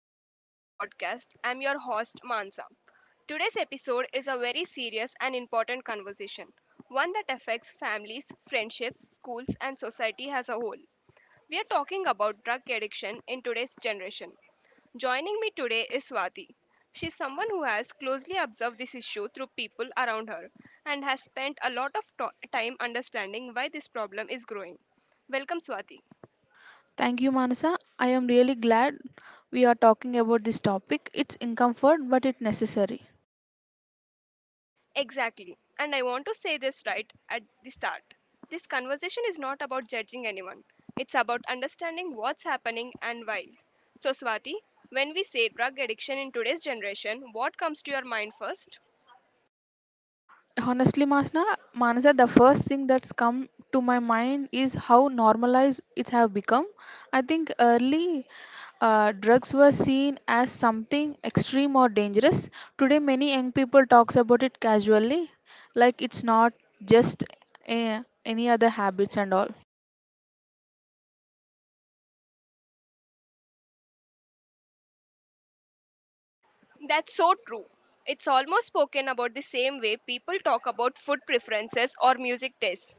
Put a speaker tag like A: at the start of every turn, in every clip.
A: Welcome to our podcast. I'm your host, Mansa. Today's episode is a very serious and important conversation, one that affects families, friendships, schools, and society as a whole. We are talking about drug addiction in today's generation. Joining me today is Swati. She's someone who has closely observed this issue through people around her and has spent a lot of time understanding why this problem is growing. Welcome, Swati.
B: Thank you, Manasa. I am really glad we are talking about this topic. It's uncomfort, but it's necessary.
A: Exactly. And I want to say this right at the start. This conversation is not about judging anyone, it's about understanding what's happening and why. So, Swati, when we say drug addiction in today's generation, what comes to your mind first?
B: Honestly, Manasa, the first thing that's come to my mind is how normalized it have become. I think early drugs were seen as something extreme or dangerous. Today, many young people talks about it casually, like it's not just a, any other habits and all.
A: That's so true. It's almost spoken about the same way people talk about food preferences or music tastes.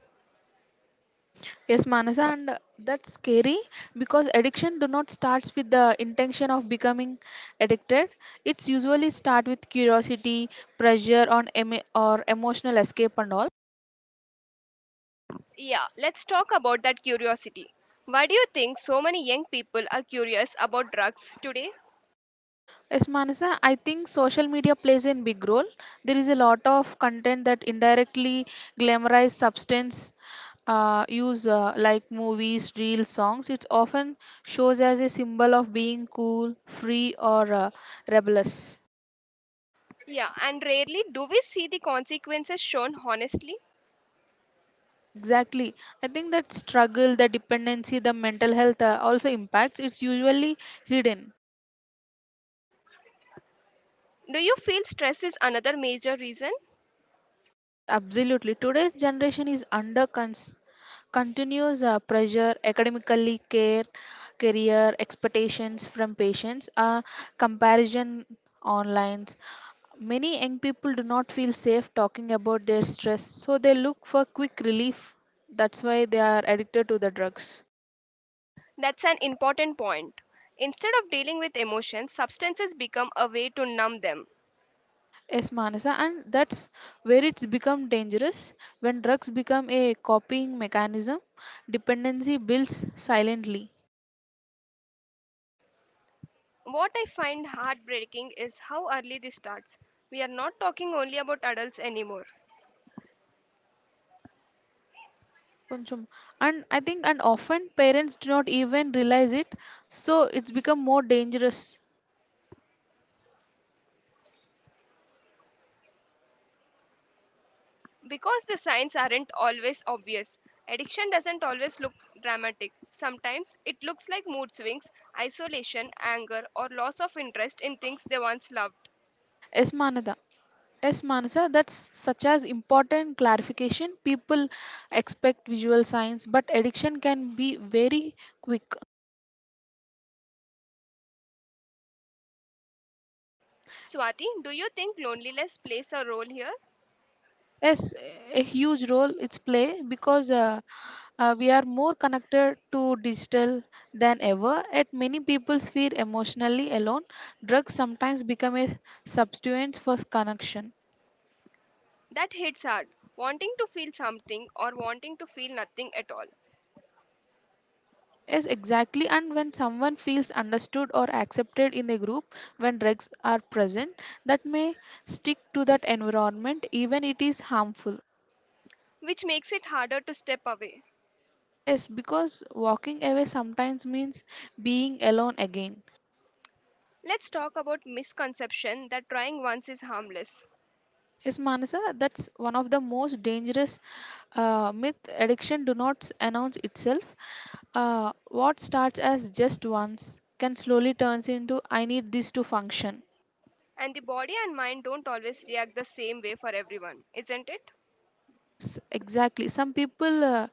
B: Yes, Manasa, and that's scary because addiction do not starts with the intention of becoming addicted. It's usually start with curiosity, pressure on em or emotional escape and all.
A: Yeah, let's talk about that curiosity. Why do you think so many young people are curious about drugs today?
B: Yes, Manasa, I think social media plays a big role. There is a lot of content that indirectly glamorize substance use like movies, reels, songs. It's often shows as a symbol of being cool, free, or rebellious.
A: Yeah, and rarely do we see the consequences shown honestly.
B: Yes, exactly. I think that struggle, the dependency, the mental health also impacts. It's usually hidden.
A: Do you feel stress is another major reason?
B: Yes, absolutely. Today's generation is under continuous pressure, academically, care, career expectations from patients, comparison online. Many young people do not feel safe talking about their stress, so they look for quick relief. That's why they are addicted to the drugs.
A: That's an important point. Instead of dealing with emotions, substances become a way to numb them.
B: Yes, Manasa, and that's where it's become dangerous. When drugs become a copying mechanism, dependency builds silently.
A: What I find heartbreaking is how early this starts. We are not talking only about adults anymore.
B: కొంచెం- And I think, and often parents do not even realize it, so it's become more dangerous.
A: Because the signs aren't always obvious, addiction doesn't always look dramatic. Sometimes it looks like mood swings, isolation, anger, or loss of interest in things they once loved.
B: Yes, Manada. Yes, Manasa, that's such as important clarification. People expect visual signs, but addiction can be very quick.
A: Swati, do you think loneliness plays a role here?
B: Yes, a huge role it's play because we are more connected to digital than ever, yet many people feel emotionally alone. Drugs sometimes become a substitute for connection.
A: That hits hard. Wanting to feel something or wanting to feel nothing at all,
B: Yes, exactly. And when someone feels understood or accepted in a group, when drugs are present, that may stick to that environment, even it is harmful.
A: which makes it harder to step away.
B: Yes, because walking away sometimes means being alone again.
A: Let's talk about misconception that trying once is harmless.
B: Yes, Manasa, that's one of the most dangerous myth. Addiction do not announce itself. What starts as just once can slowly turns into I need this to function.
A: And the body and mind don't always react the same way for everyone, isn't it?
B: Yes, exactly. Some people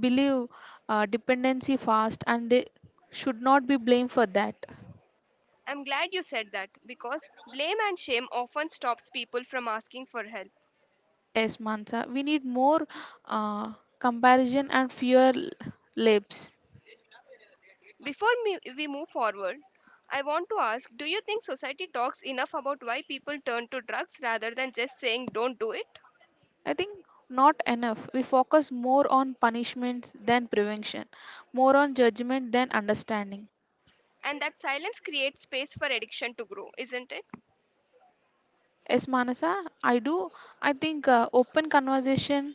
B: believe dependency fast and they should not be blamed for that.
A: I'm glad you said that because blame and shame often stops people from asking for help.
B: Yes, Mansa, we need more uh, comparison and fear labs.
A: Before me, we move forward, I want to ask do you think society talks enough about why people turn to drugs rather than just saying don't do it?
B: I think not enough. We focus more on punishments than prevention, more on judgment than understanding.
A: And that silence creates space for addiction to grow, isn't it?
B: Yes, Manasa, I do. I think open conversation,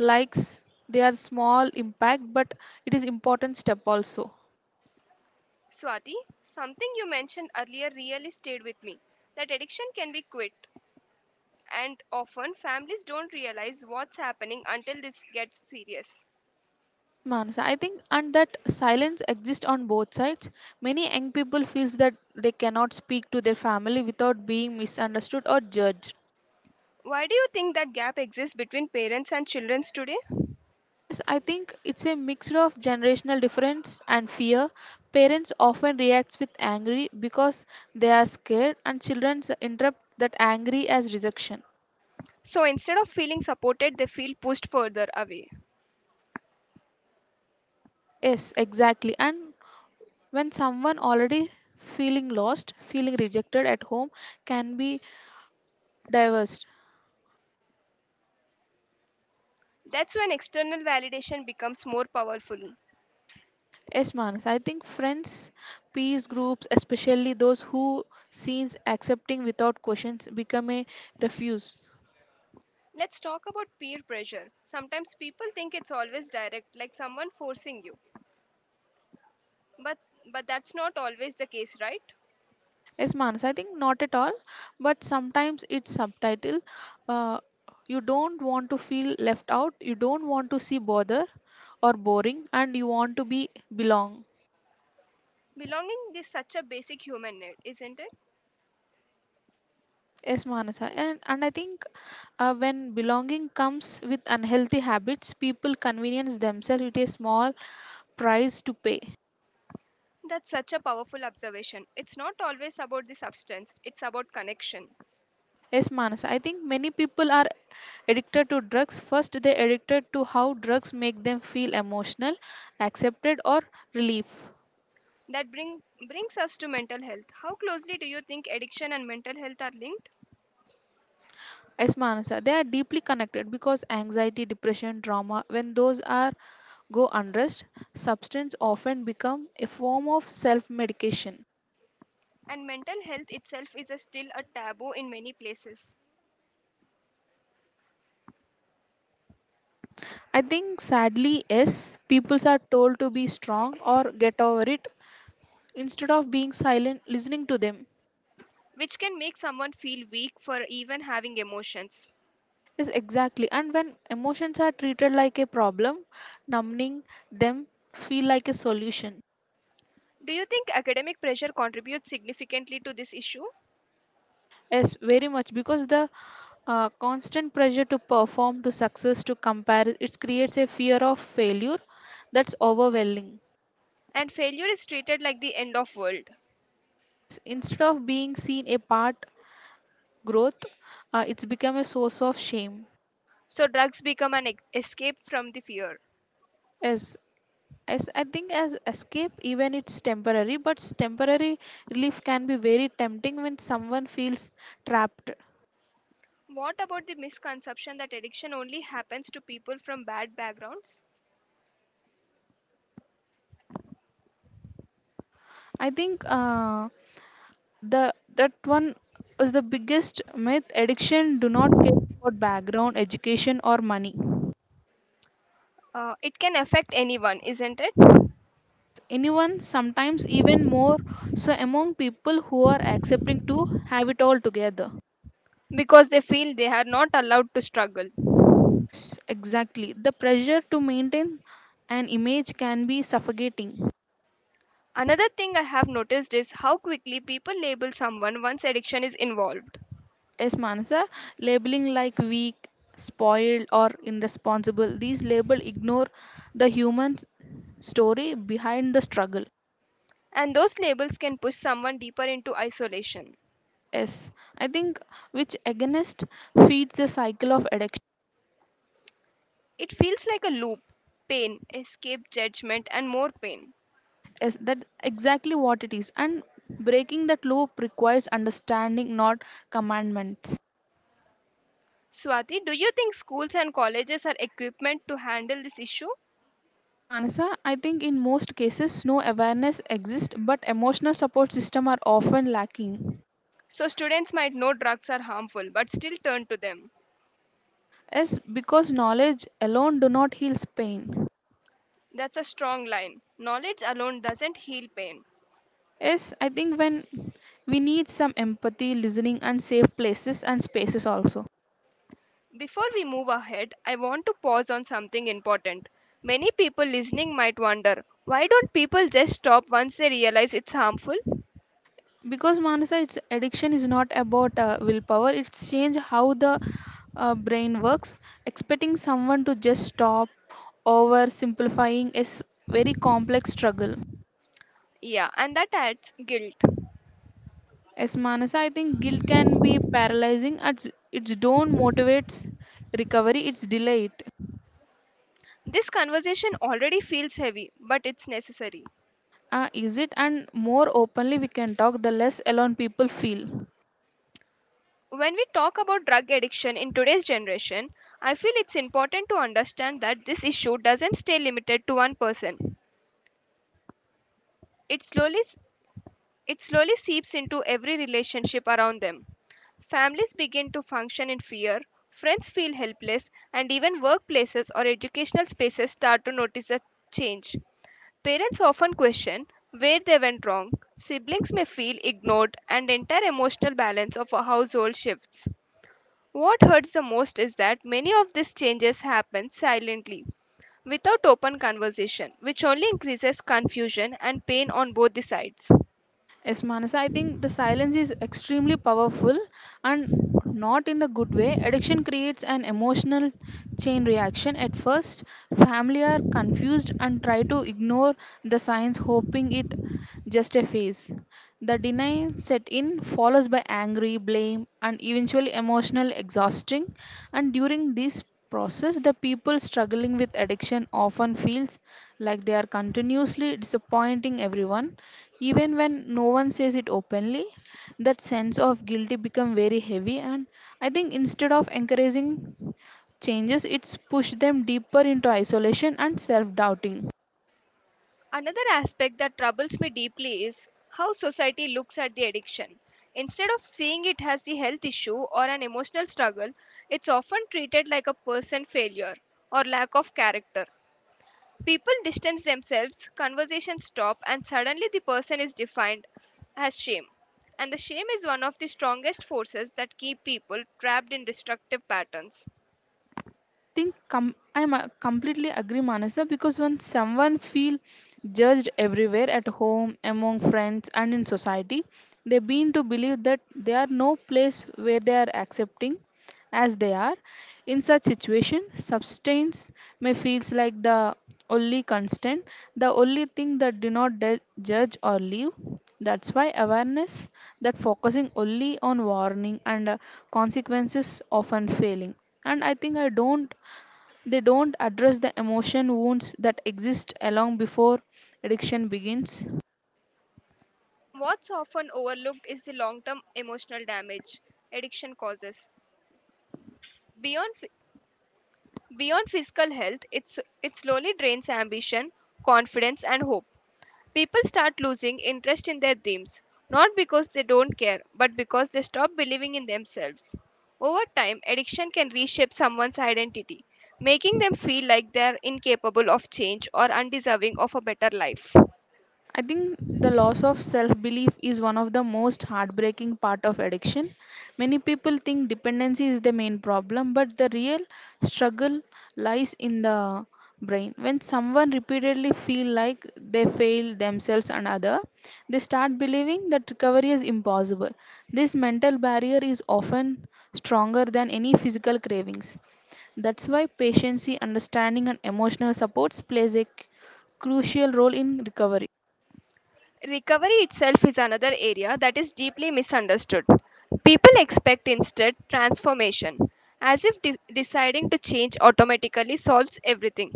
B: likes, they are small impact, but it is important step also.
A: Swati, something you mentioned earlier really stayed with me that addiction can be quit, and often families don't realize what's happening until this gets serious.
B: Yes, Manasa, I think and that silence exists on both sides. Many young people feels that they cannot speak to their family without being misunderstood or judged.
A: Why do you think that gap exists between parents and children today?
B: Yes, I think it's a mix of generational difference and fear. Parents often react with angry because they are scared, and children interpret that angry as rejection.
A: So instead of feeling supported, they feel pushed further away.
B: Yes, exactly. And when someone already feeling lost, feeling rejected at home can be diverse.
A: That's when external validation becomes more powerful.
B: Yes, Manas. I think friends, peace groups, especially those who seems accepting without questions, become a refuge.
A: Let's talk about peer pressure. Sometimes people think it's always direct, like someone forcing you. But but that's not always the case, right?
B: Yes, Manas, I think not at all, but sometimes it's subtitle. Uh, you don't want to feel left out, you don't want to see bother or boring, and you want to be belong.
A: Belonging is such a basic human need, isn't it?
B: Yes, Manasa, and I think when belonging comes with unhealthy habits, people convenience themselves with a small price to pay.
A: That's such a powerful observation. It's not always about the substance, it's about connection.
B: Yes, Manasa, I think many people are addicted to drugs. First, they addicted to how drugs make them feel emotional, accepted, or relief.
A: That brings us to mental health. How closely do you think addiction and mental health are linked?
B: Yes, Manasa, they are deeply connected because anxiety, depression, trauma, when those are go unrest, substance often become a form of self-medication.
A: And mental health itself is a still a taboo in many places.
B: I think sadly, yes, people are told to be strong or get over it instead of being silent, listening to them.
A: Which can make someone feel weak for even having emotions.
B: Yes, exactly. And when emotions are treated like a problem, numbing them feel like a solution.
A: Do you think academic pressure contributes significantly to this issue?
B: Yes, very much because the constant pressure to perform to success to compare it creates a fear of failure that's overwhelming.
A: And failure is treated like the end of world.
B: Yes, instead of being seen a part growth it's become a source of shame.
A: So drugs become an escape from the fear.
B: Yes, as I think as escape even it's temporary but temporary relief can be very tempting when someone feels trapped.
A: What about the misconception that addiction only happens to people from bad backgrounds?
B: I think the that one was the biggest myth. Addiction do not care about background education or money.
A: It can affect anyone, isn't it?
B: Yes, anyone, sometimes even more so among people who are accepting to have it all together.
A: Because they feel they are not allowed to struggle.
B: Yes, exactly. The pressure to maintain an image can be suffocating.
A: Another thing I have noticed is how quickly people label someone once addiction is involved.
B: Yes, Manasa, labeling like weak, spoiled, or irresponsible, these labels ignore the human story behind the struggle.
A: And those labels can push someone deeper into isolation.
B: Yes, I think which against feeds the cycle of addiction.
A: It feels like a loop pain, escape, judgment, and more pain.
B: Yes, that exactly what it is. And breaking that loop requires understanding, not commandment.
A: Swati, do you think schools and colleges are equipped to handle this issue?
B: Yes, Manasa, I think in most cases no awareness exists, but emotional support system are often lacking.
A: So, students might know drugs are harmful but still turn to them.
B: Yes, because knowledge alone do not heals pain.
A: That's a strong line. Knowledge alone doesn't heal pain.
B: Yes, I think when we need some empathy, listening, and safe places and spaces also.
A: Before we move ahead, I want to pause on something important. Many people listening might wonder why don't people just stop once they realize it's harmful?
B: Because Manasa, its addiction is not about willpower. It's change how the brain works. Expecting someone to just stop oversimplifying is very complex struggle.
A: Yeah, and that adds guilt.
B: As Manasa, I think guilt can be paralyzing. At its don't motivates recovery; it's delay it.
A: This conversation already feels heavy, but it's necessary.
B: Is it? And more openly we can talk, the less alone people feel.
A: When we talk about drug addiction in today's generation, I feel it's important to understand that this issue doesn't stay limited to one person. It slowly it slowly seeps into every relationship around them. Families begin to function in fear, friends feel helpless, and even workplaces or educational spaces start to notice a change. Parents often question where they went wrong. Siblings may feel ignored, and the entire emotional balance of a household shifts. What hurts the most is that many of these changes happen silently, without open conversation, which only increases confusion and pain on both the sides.
B: Yes, Manas, I think the silence is extremely powerful and not in the good way. Addiction creates an emotional chain reaction. At first, family are confused and try to ignore the signs, hoping it just a phase. The denial set in, follows by angry, blame, and eventually emotional exhausting. And during this process, the people struggling with addiction often feels like they are continuously disappointing everyone even when no one says it openly, that sense of guilty become very heavy, and I think instead of encouraging changes it's pushed them deeper into isolation and self doubting.
A: Another aspect that troubles me deeply is how society looks at the addiction. Instead of seeing it as the health issue or an emotional struggle, it's often treated like a person failure or lack of character. People distance themselves, conversations stop, and suddenly the person is defined as shame. And the shame is one of the strongest forces that keep people trapped in destructive patterns.
B: I think I am completely agree Manasa because when someone feel judged everywhere at home among friends and in society, they begin to believe that they are no place where they are accepting as they are. In such situation, substance may feels like the only constant, the only thing that do not judge or leave. That's why awareness that focusing only on warning and consequences often failing. And I think I don't they don't address the emotion wounds that exist along before addiction begins.
A: What's often overlooked is the long term emotional damage addiction causes. Beyond, phy- beyond physical health, it's, it slowly drains ambition, confidence, and hope. People start losing interest in their dreams, not because they don't care, but because they stop believing in themselves. Over time, addiction can reshape someone's identity, making them feel like they are incapable of change or undeserving of a better life.
B: I think the loss of self belief is one of the most heartbreaking part of addiction. Many people think dependency is the main problem, but the real struggle lies in the brain. When someone repeatedly feel like they fail themselves and other, they start believing that recovery is impossible. This mental barrier is often stronger than any physical cravings. That's why patience, understanding, and emotional supports plays a crucial role in recovery.
A: Recovery itself is another area that is deeply misunderstood. People expect instead transformation, as if deciding to change automatically solves everything.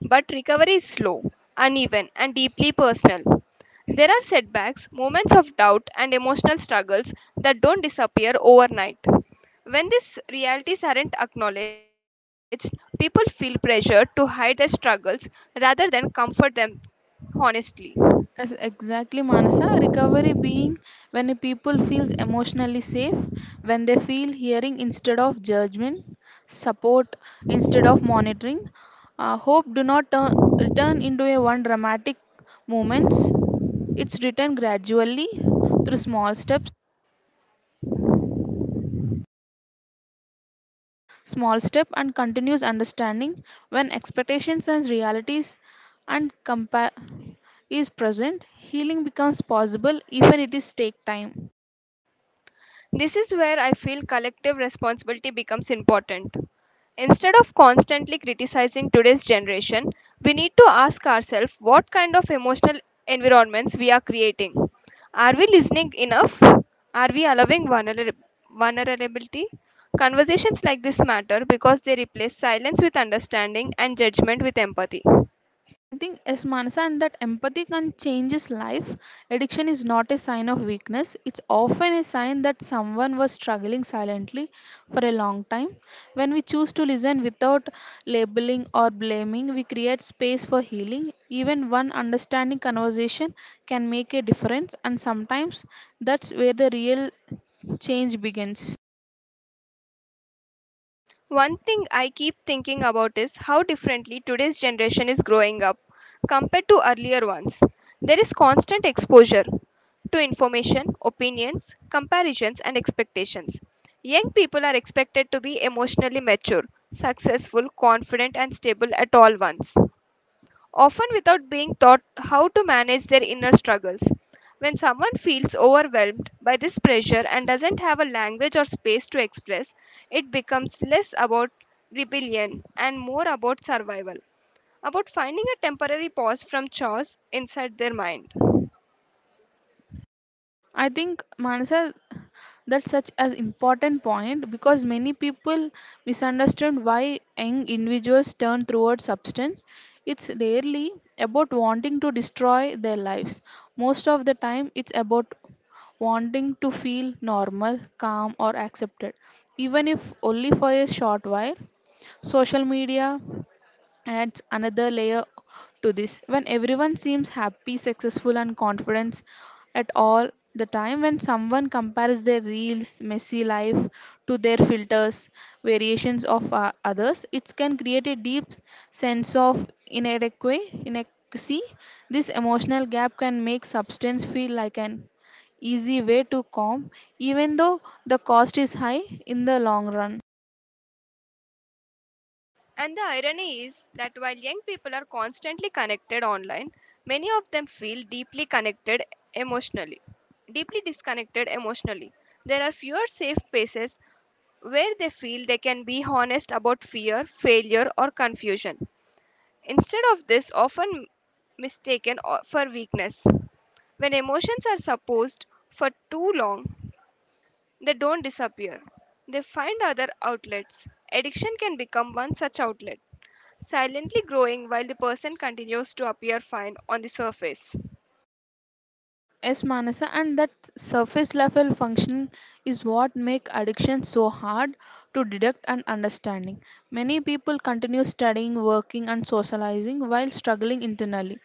A: But recovery is slow, uneven, and deeply personal. There are setbacks, moments of doubt, and emotional struggles that don't disappear overnight. When these realities aren't acknowledged, people feel pressured to hide their struggles rather than comfort them honestly.
B: As exactly, Manasa. Recovery being when a people feels emotionally safe, when they feel hearing instead of judgment, support instead of monitoring. Hope do not return into a one dramatic moments. It's returned gradually through small steps, small step and continuous understanding. When expectations and realities and is present, healing becomes possible even it is take time.
A: This is where I feel collective responsibility becomes important. Instead of constantly criticizing today's generation, we need to ask ourselves what kind of emotional environments we are creating. Are we listening enough? Are we allowing vulnerability? Conversations like this matter because they replace silence with understanding and judgment with empathy.
B: I think as Manasa and that empathy can change his life. Addiction is not a sign of weakness. It's often a sign that someone was struggling silently for a long time. When we choose to listen without labeling or blaming, we create space for healing. Even one understanding conversation can make a difference and sometimes that's where the real change begins.
A: One thing I keep thinking about is how differently today's generation is growing up compared to earlier ones. There is constant exposure to information, opinions, comparisons, and expectations. Young people are expected to be emotionally mature, successful, confident, and stable at all once often without being taught how to manage their inner struggles. When someone feels overwhelmed by this pressure and doesn't have a language or space to express, it becomes less about rebellion and more about survival, about finding a temporary pause from chores inside their mind.
B: I think Manasa that's such an important point because many people misunderstand why young individuals turn toward substance. It's rarely about wanting to destroy their lives. Most of the time, it's about wanting to feel normal, calm, or accepted, even if only for a short while. Social media, adds another layer to this. When everyone seems happy, successful, and confident at all the time, when someone compares their reels, messy life to their filters, variations of others, it can create a deep sense of inadequacy. This emotional gap can make substance feel like an easy way to calm, even though the cost is high in the long run.
A: And the irony is that while young people are constantly connected online, many of them feel deeply connected emotionally, deeply disconnected emotionally. There are fewer safe spaces where they feel they can be honest about fear, failure, or confusion. Instead of this, often mistaken for weakness. When emotions are suppressed for too long, they don't disappear, they find other outlets. Addiction can become one such outlet, silently growing while the person continues to appear fine on the surface.
B: Yes, Manasa, and that surface level function is what make addiction so hard to detect and understanding. Many people continue studying, working, and socializing while struggling internally.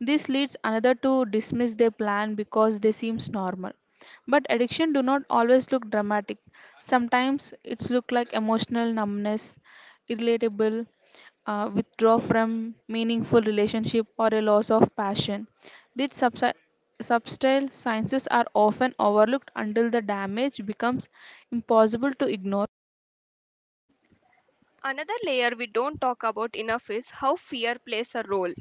B: This leads another to dismiss their plan because they seems normal. But addiction do not always look dramatic. Sometimes it's look like emotional numbness, irritable, withdraw from meaningful relationship or a loss of passion. These subtle sciences are often overlooked until the damage becomes impossible to ignore.
A: Another layer we don't talk about enough is how fear plays a role.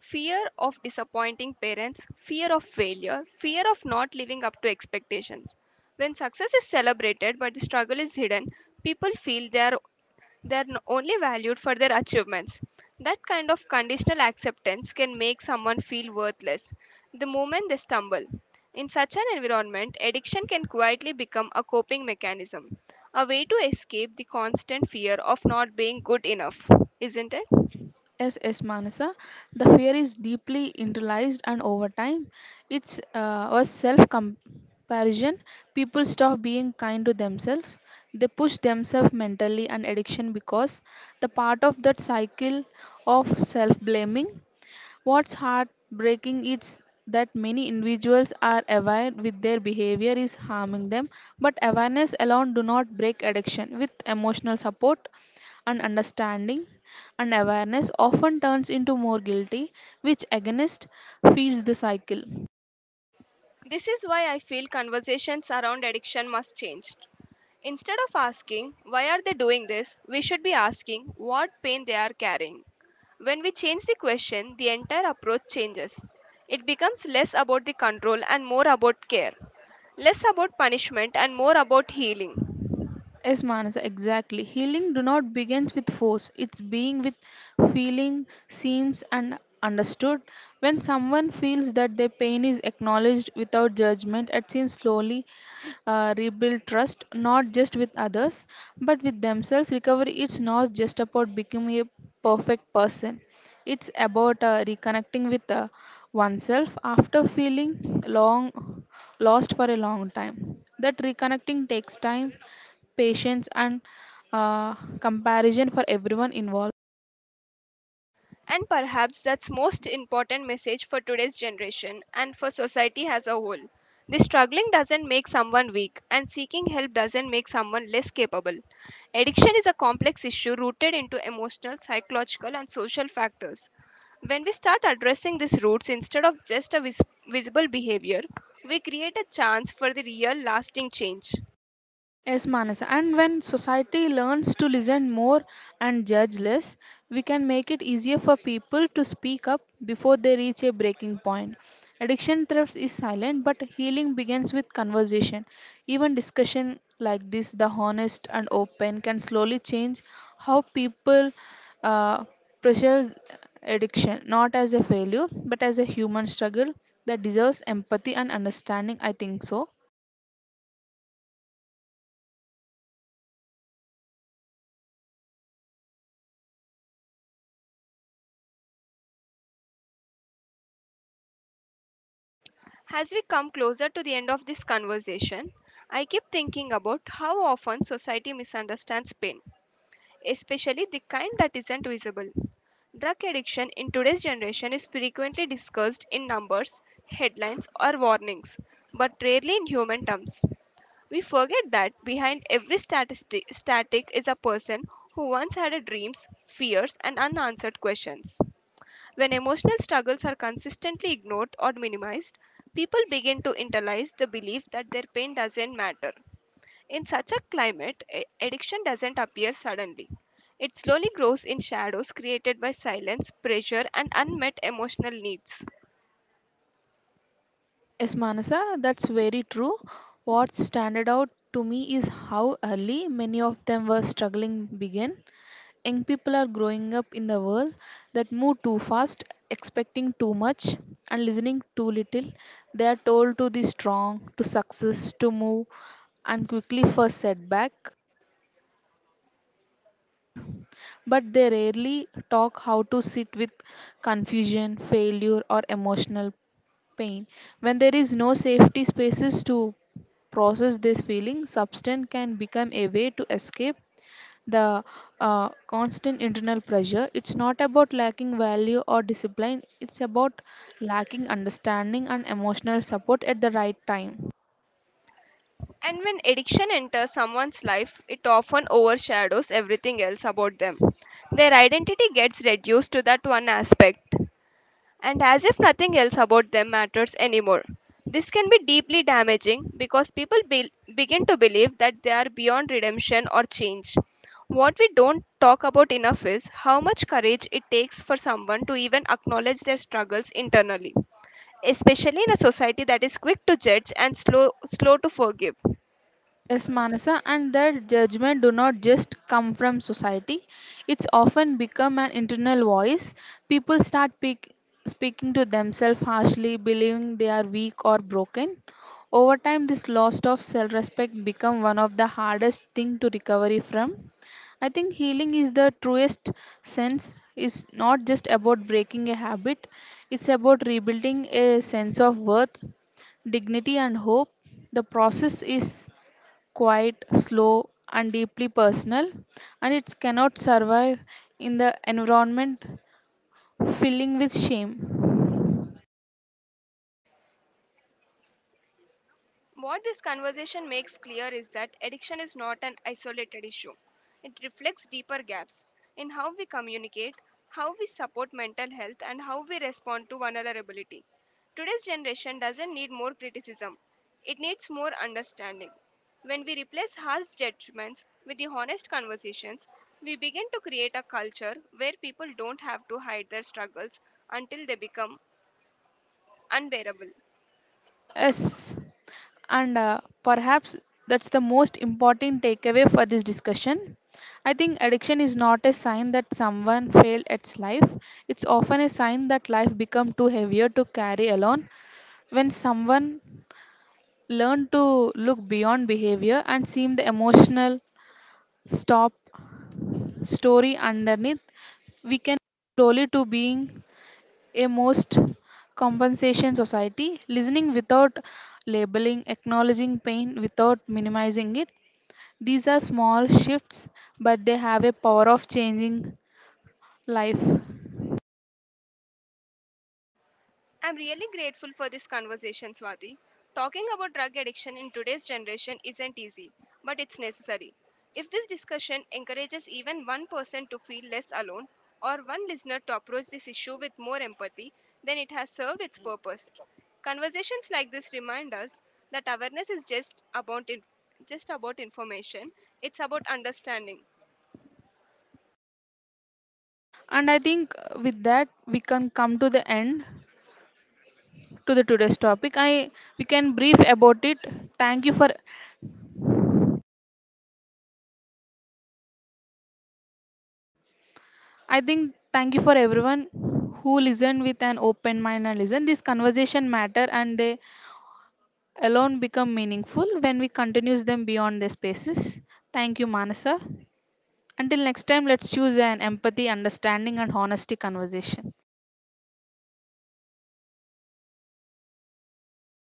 A: Fear of disappointing parents, fear of failure, fear of not living up to expectations. When success is celebrated but the struggle is hidden, people feel they are they're only valued for their achievements. That kind of conditional acceptance can make someone feel worthless the moment they stumble. In such an environment, addiction can quietly become a coping mechanism, a way to escape the constant fear of not being good enough, isn't it?
B: Yes, yes, Manasa. The fear is deeply internalized, and over time, it's a self comparison. People stop being kind to themselves. They push themselves mentally and addiction because the part of that cycle of self blaming. What's heartbreaking is that many individuals are aware with their behavior is harming them, but awareness alone do not break addiction. With emotional support and understanding and awareness often turns into more guilty, which against feeds the cycle.
A: This is why I feel conversations around addiction must change. Instead of asking, why are they doing this, we should be asking what pain they are carrying. When we change the question, the entire approach changes. It becomes less about the control and more about care, less about punishment and more about healing.
B: Yes, Manasa, exactly. Healing do not begins with force. It's being with feeling, seems and understood. When someone feels that their pain is acknowledged without judgment, it seems slowly rebuild trust not just with others but with themselves. Recovery it's not just about becoming a perfect person. It's about reconnecting with oneself after feeling long lost for a long time. That reconnecting takes time, patience, and comparison for everyone involved.
A: And perhaps that's most important message for today's generation and for society as a whole. The struggling doesn't make someone weak and seeking help doesn't make someone less capable. Addiction is a complex issue rooted into emotional, psychological and social factors. When we start addressing these roots instead of just a visible behavior, we create a chance for the real lasting change.
B: Yes, Manasa. And when society learns to listen more and judge less, we can make it easier for people to speak up before they reach a breaking point. Addiction thrives is silent, but healing begins with conversation. Even discussion like this, the honest and open, can slowly change how people uh, pressure addiction, not as a failure, but as a human struggle that deserves empathy and understanding. I think so.
A: As we come closer to the end of this conversation, I keep thinking about how often society misunderstands pain, especially the kind that isn't visible. Drug addiction in today's generation is frequently discussed in numbers, headlines, or warnings, but rarely in human terms. We forget that behind every statistic, static is a person who once had a dreams, fears, and unanswered questions. When emotional struggles are consistently ignored or minimized, people begin to internalize the belief that their pain doesn't matter. In such a climate, addiction doesn't appear suddenly. It slowly grows in shadows created by silence, pressure, and unmet emotional needs.
B: Yes, Manasa, that's very true. What standard out to me is how early many of them were struggling began. Young people are growing up in the world that move too fast, expecting too much and listening too little. They are told to be strong, to success, to move and quickly for setback, but they rarely talk how to sit with confusion, failure or emotional pain when there is no safety spaces to process this feeling, substance can become a way to escape the constant internal pressure. It's not about lacking value or discipline, it's about lacking understanding and emotional support at the right time.
A: And when addiction enters someone's life, it often overshadows everything else about them. Their identity gets reduced to that one aspect, and as if nothing else about them matters anymore. This can be deeply damaging because people begin to believe that they are beyond redemption or change. What we don't talk about enough is how much courage it takes for someone to even acknowledge their struggles internally, especially in a society that is quick to judge and slow to forgive.
B: Yes, Manasa, and that judgment do not just come from society. It's often become an internal voice. People start speaking to themselves harshly, believing they are weak or broken. Over time, this loss of self-respect become one of the hardest thing to recovery from. I think healing is the truest sense is not just about breaking a habit. It's about rebuilding a sense of worth, dignity, and hope. The process is quite slow, and deeply personal, and it cannot survive in the environment filling with shame.
A: What this conversation makes clear is that addiction is not an isolated issue. It reflects deeper gaps in how we communicate, how we support mental health, and how we respond to vulnerability. Today's generation doesn't need more criticism, it needs more understanding. When we replace harsh judgments with the honest conversations, we begin to create a culture where people don't have to hide their struggles until they become unbearable.
B: Yes, and perhaps that's the most important takeaway for this discussion. I think addiction is not a sign that someone failed at life, it's often a sign that life become too heavier to carry alone when someone learn to look beyond behavior and seem the emotional stop story underneath, we can slowly to being a most compensation society listening without labeling acknowledging pain without minimizing it, these are small shifts but they have a power of changing life.
A: I'm really grateful for this conversation, Swati. Talking about drug addiction in today's generation isn't easy, but it's necessary. If this discussion encourages even one person to feel less alone or one listener to approach this issue with more empathy, then it has served its purpose. Conversations like this remind us that awareness is just about information, it's about understanding.
B: And I think with that we can come to the end to the today's topic. I We can brief about it. Thank you for I think thank you for everyone who listened with an open mind and listen this conversation matter and they alone become meaningful when we continues them beyond their spaces. Thank you, Manasa. Until next time, let's choose an empathy, understanding, and honesty conversation.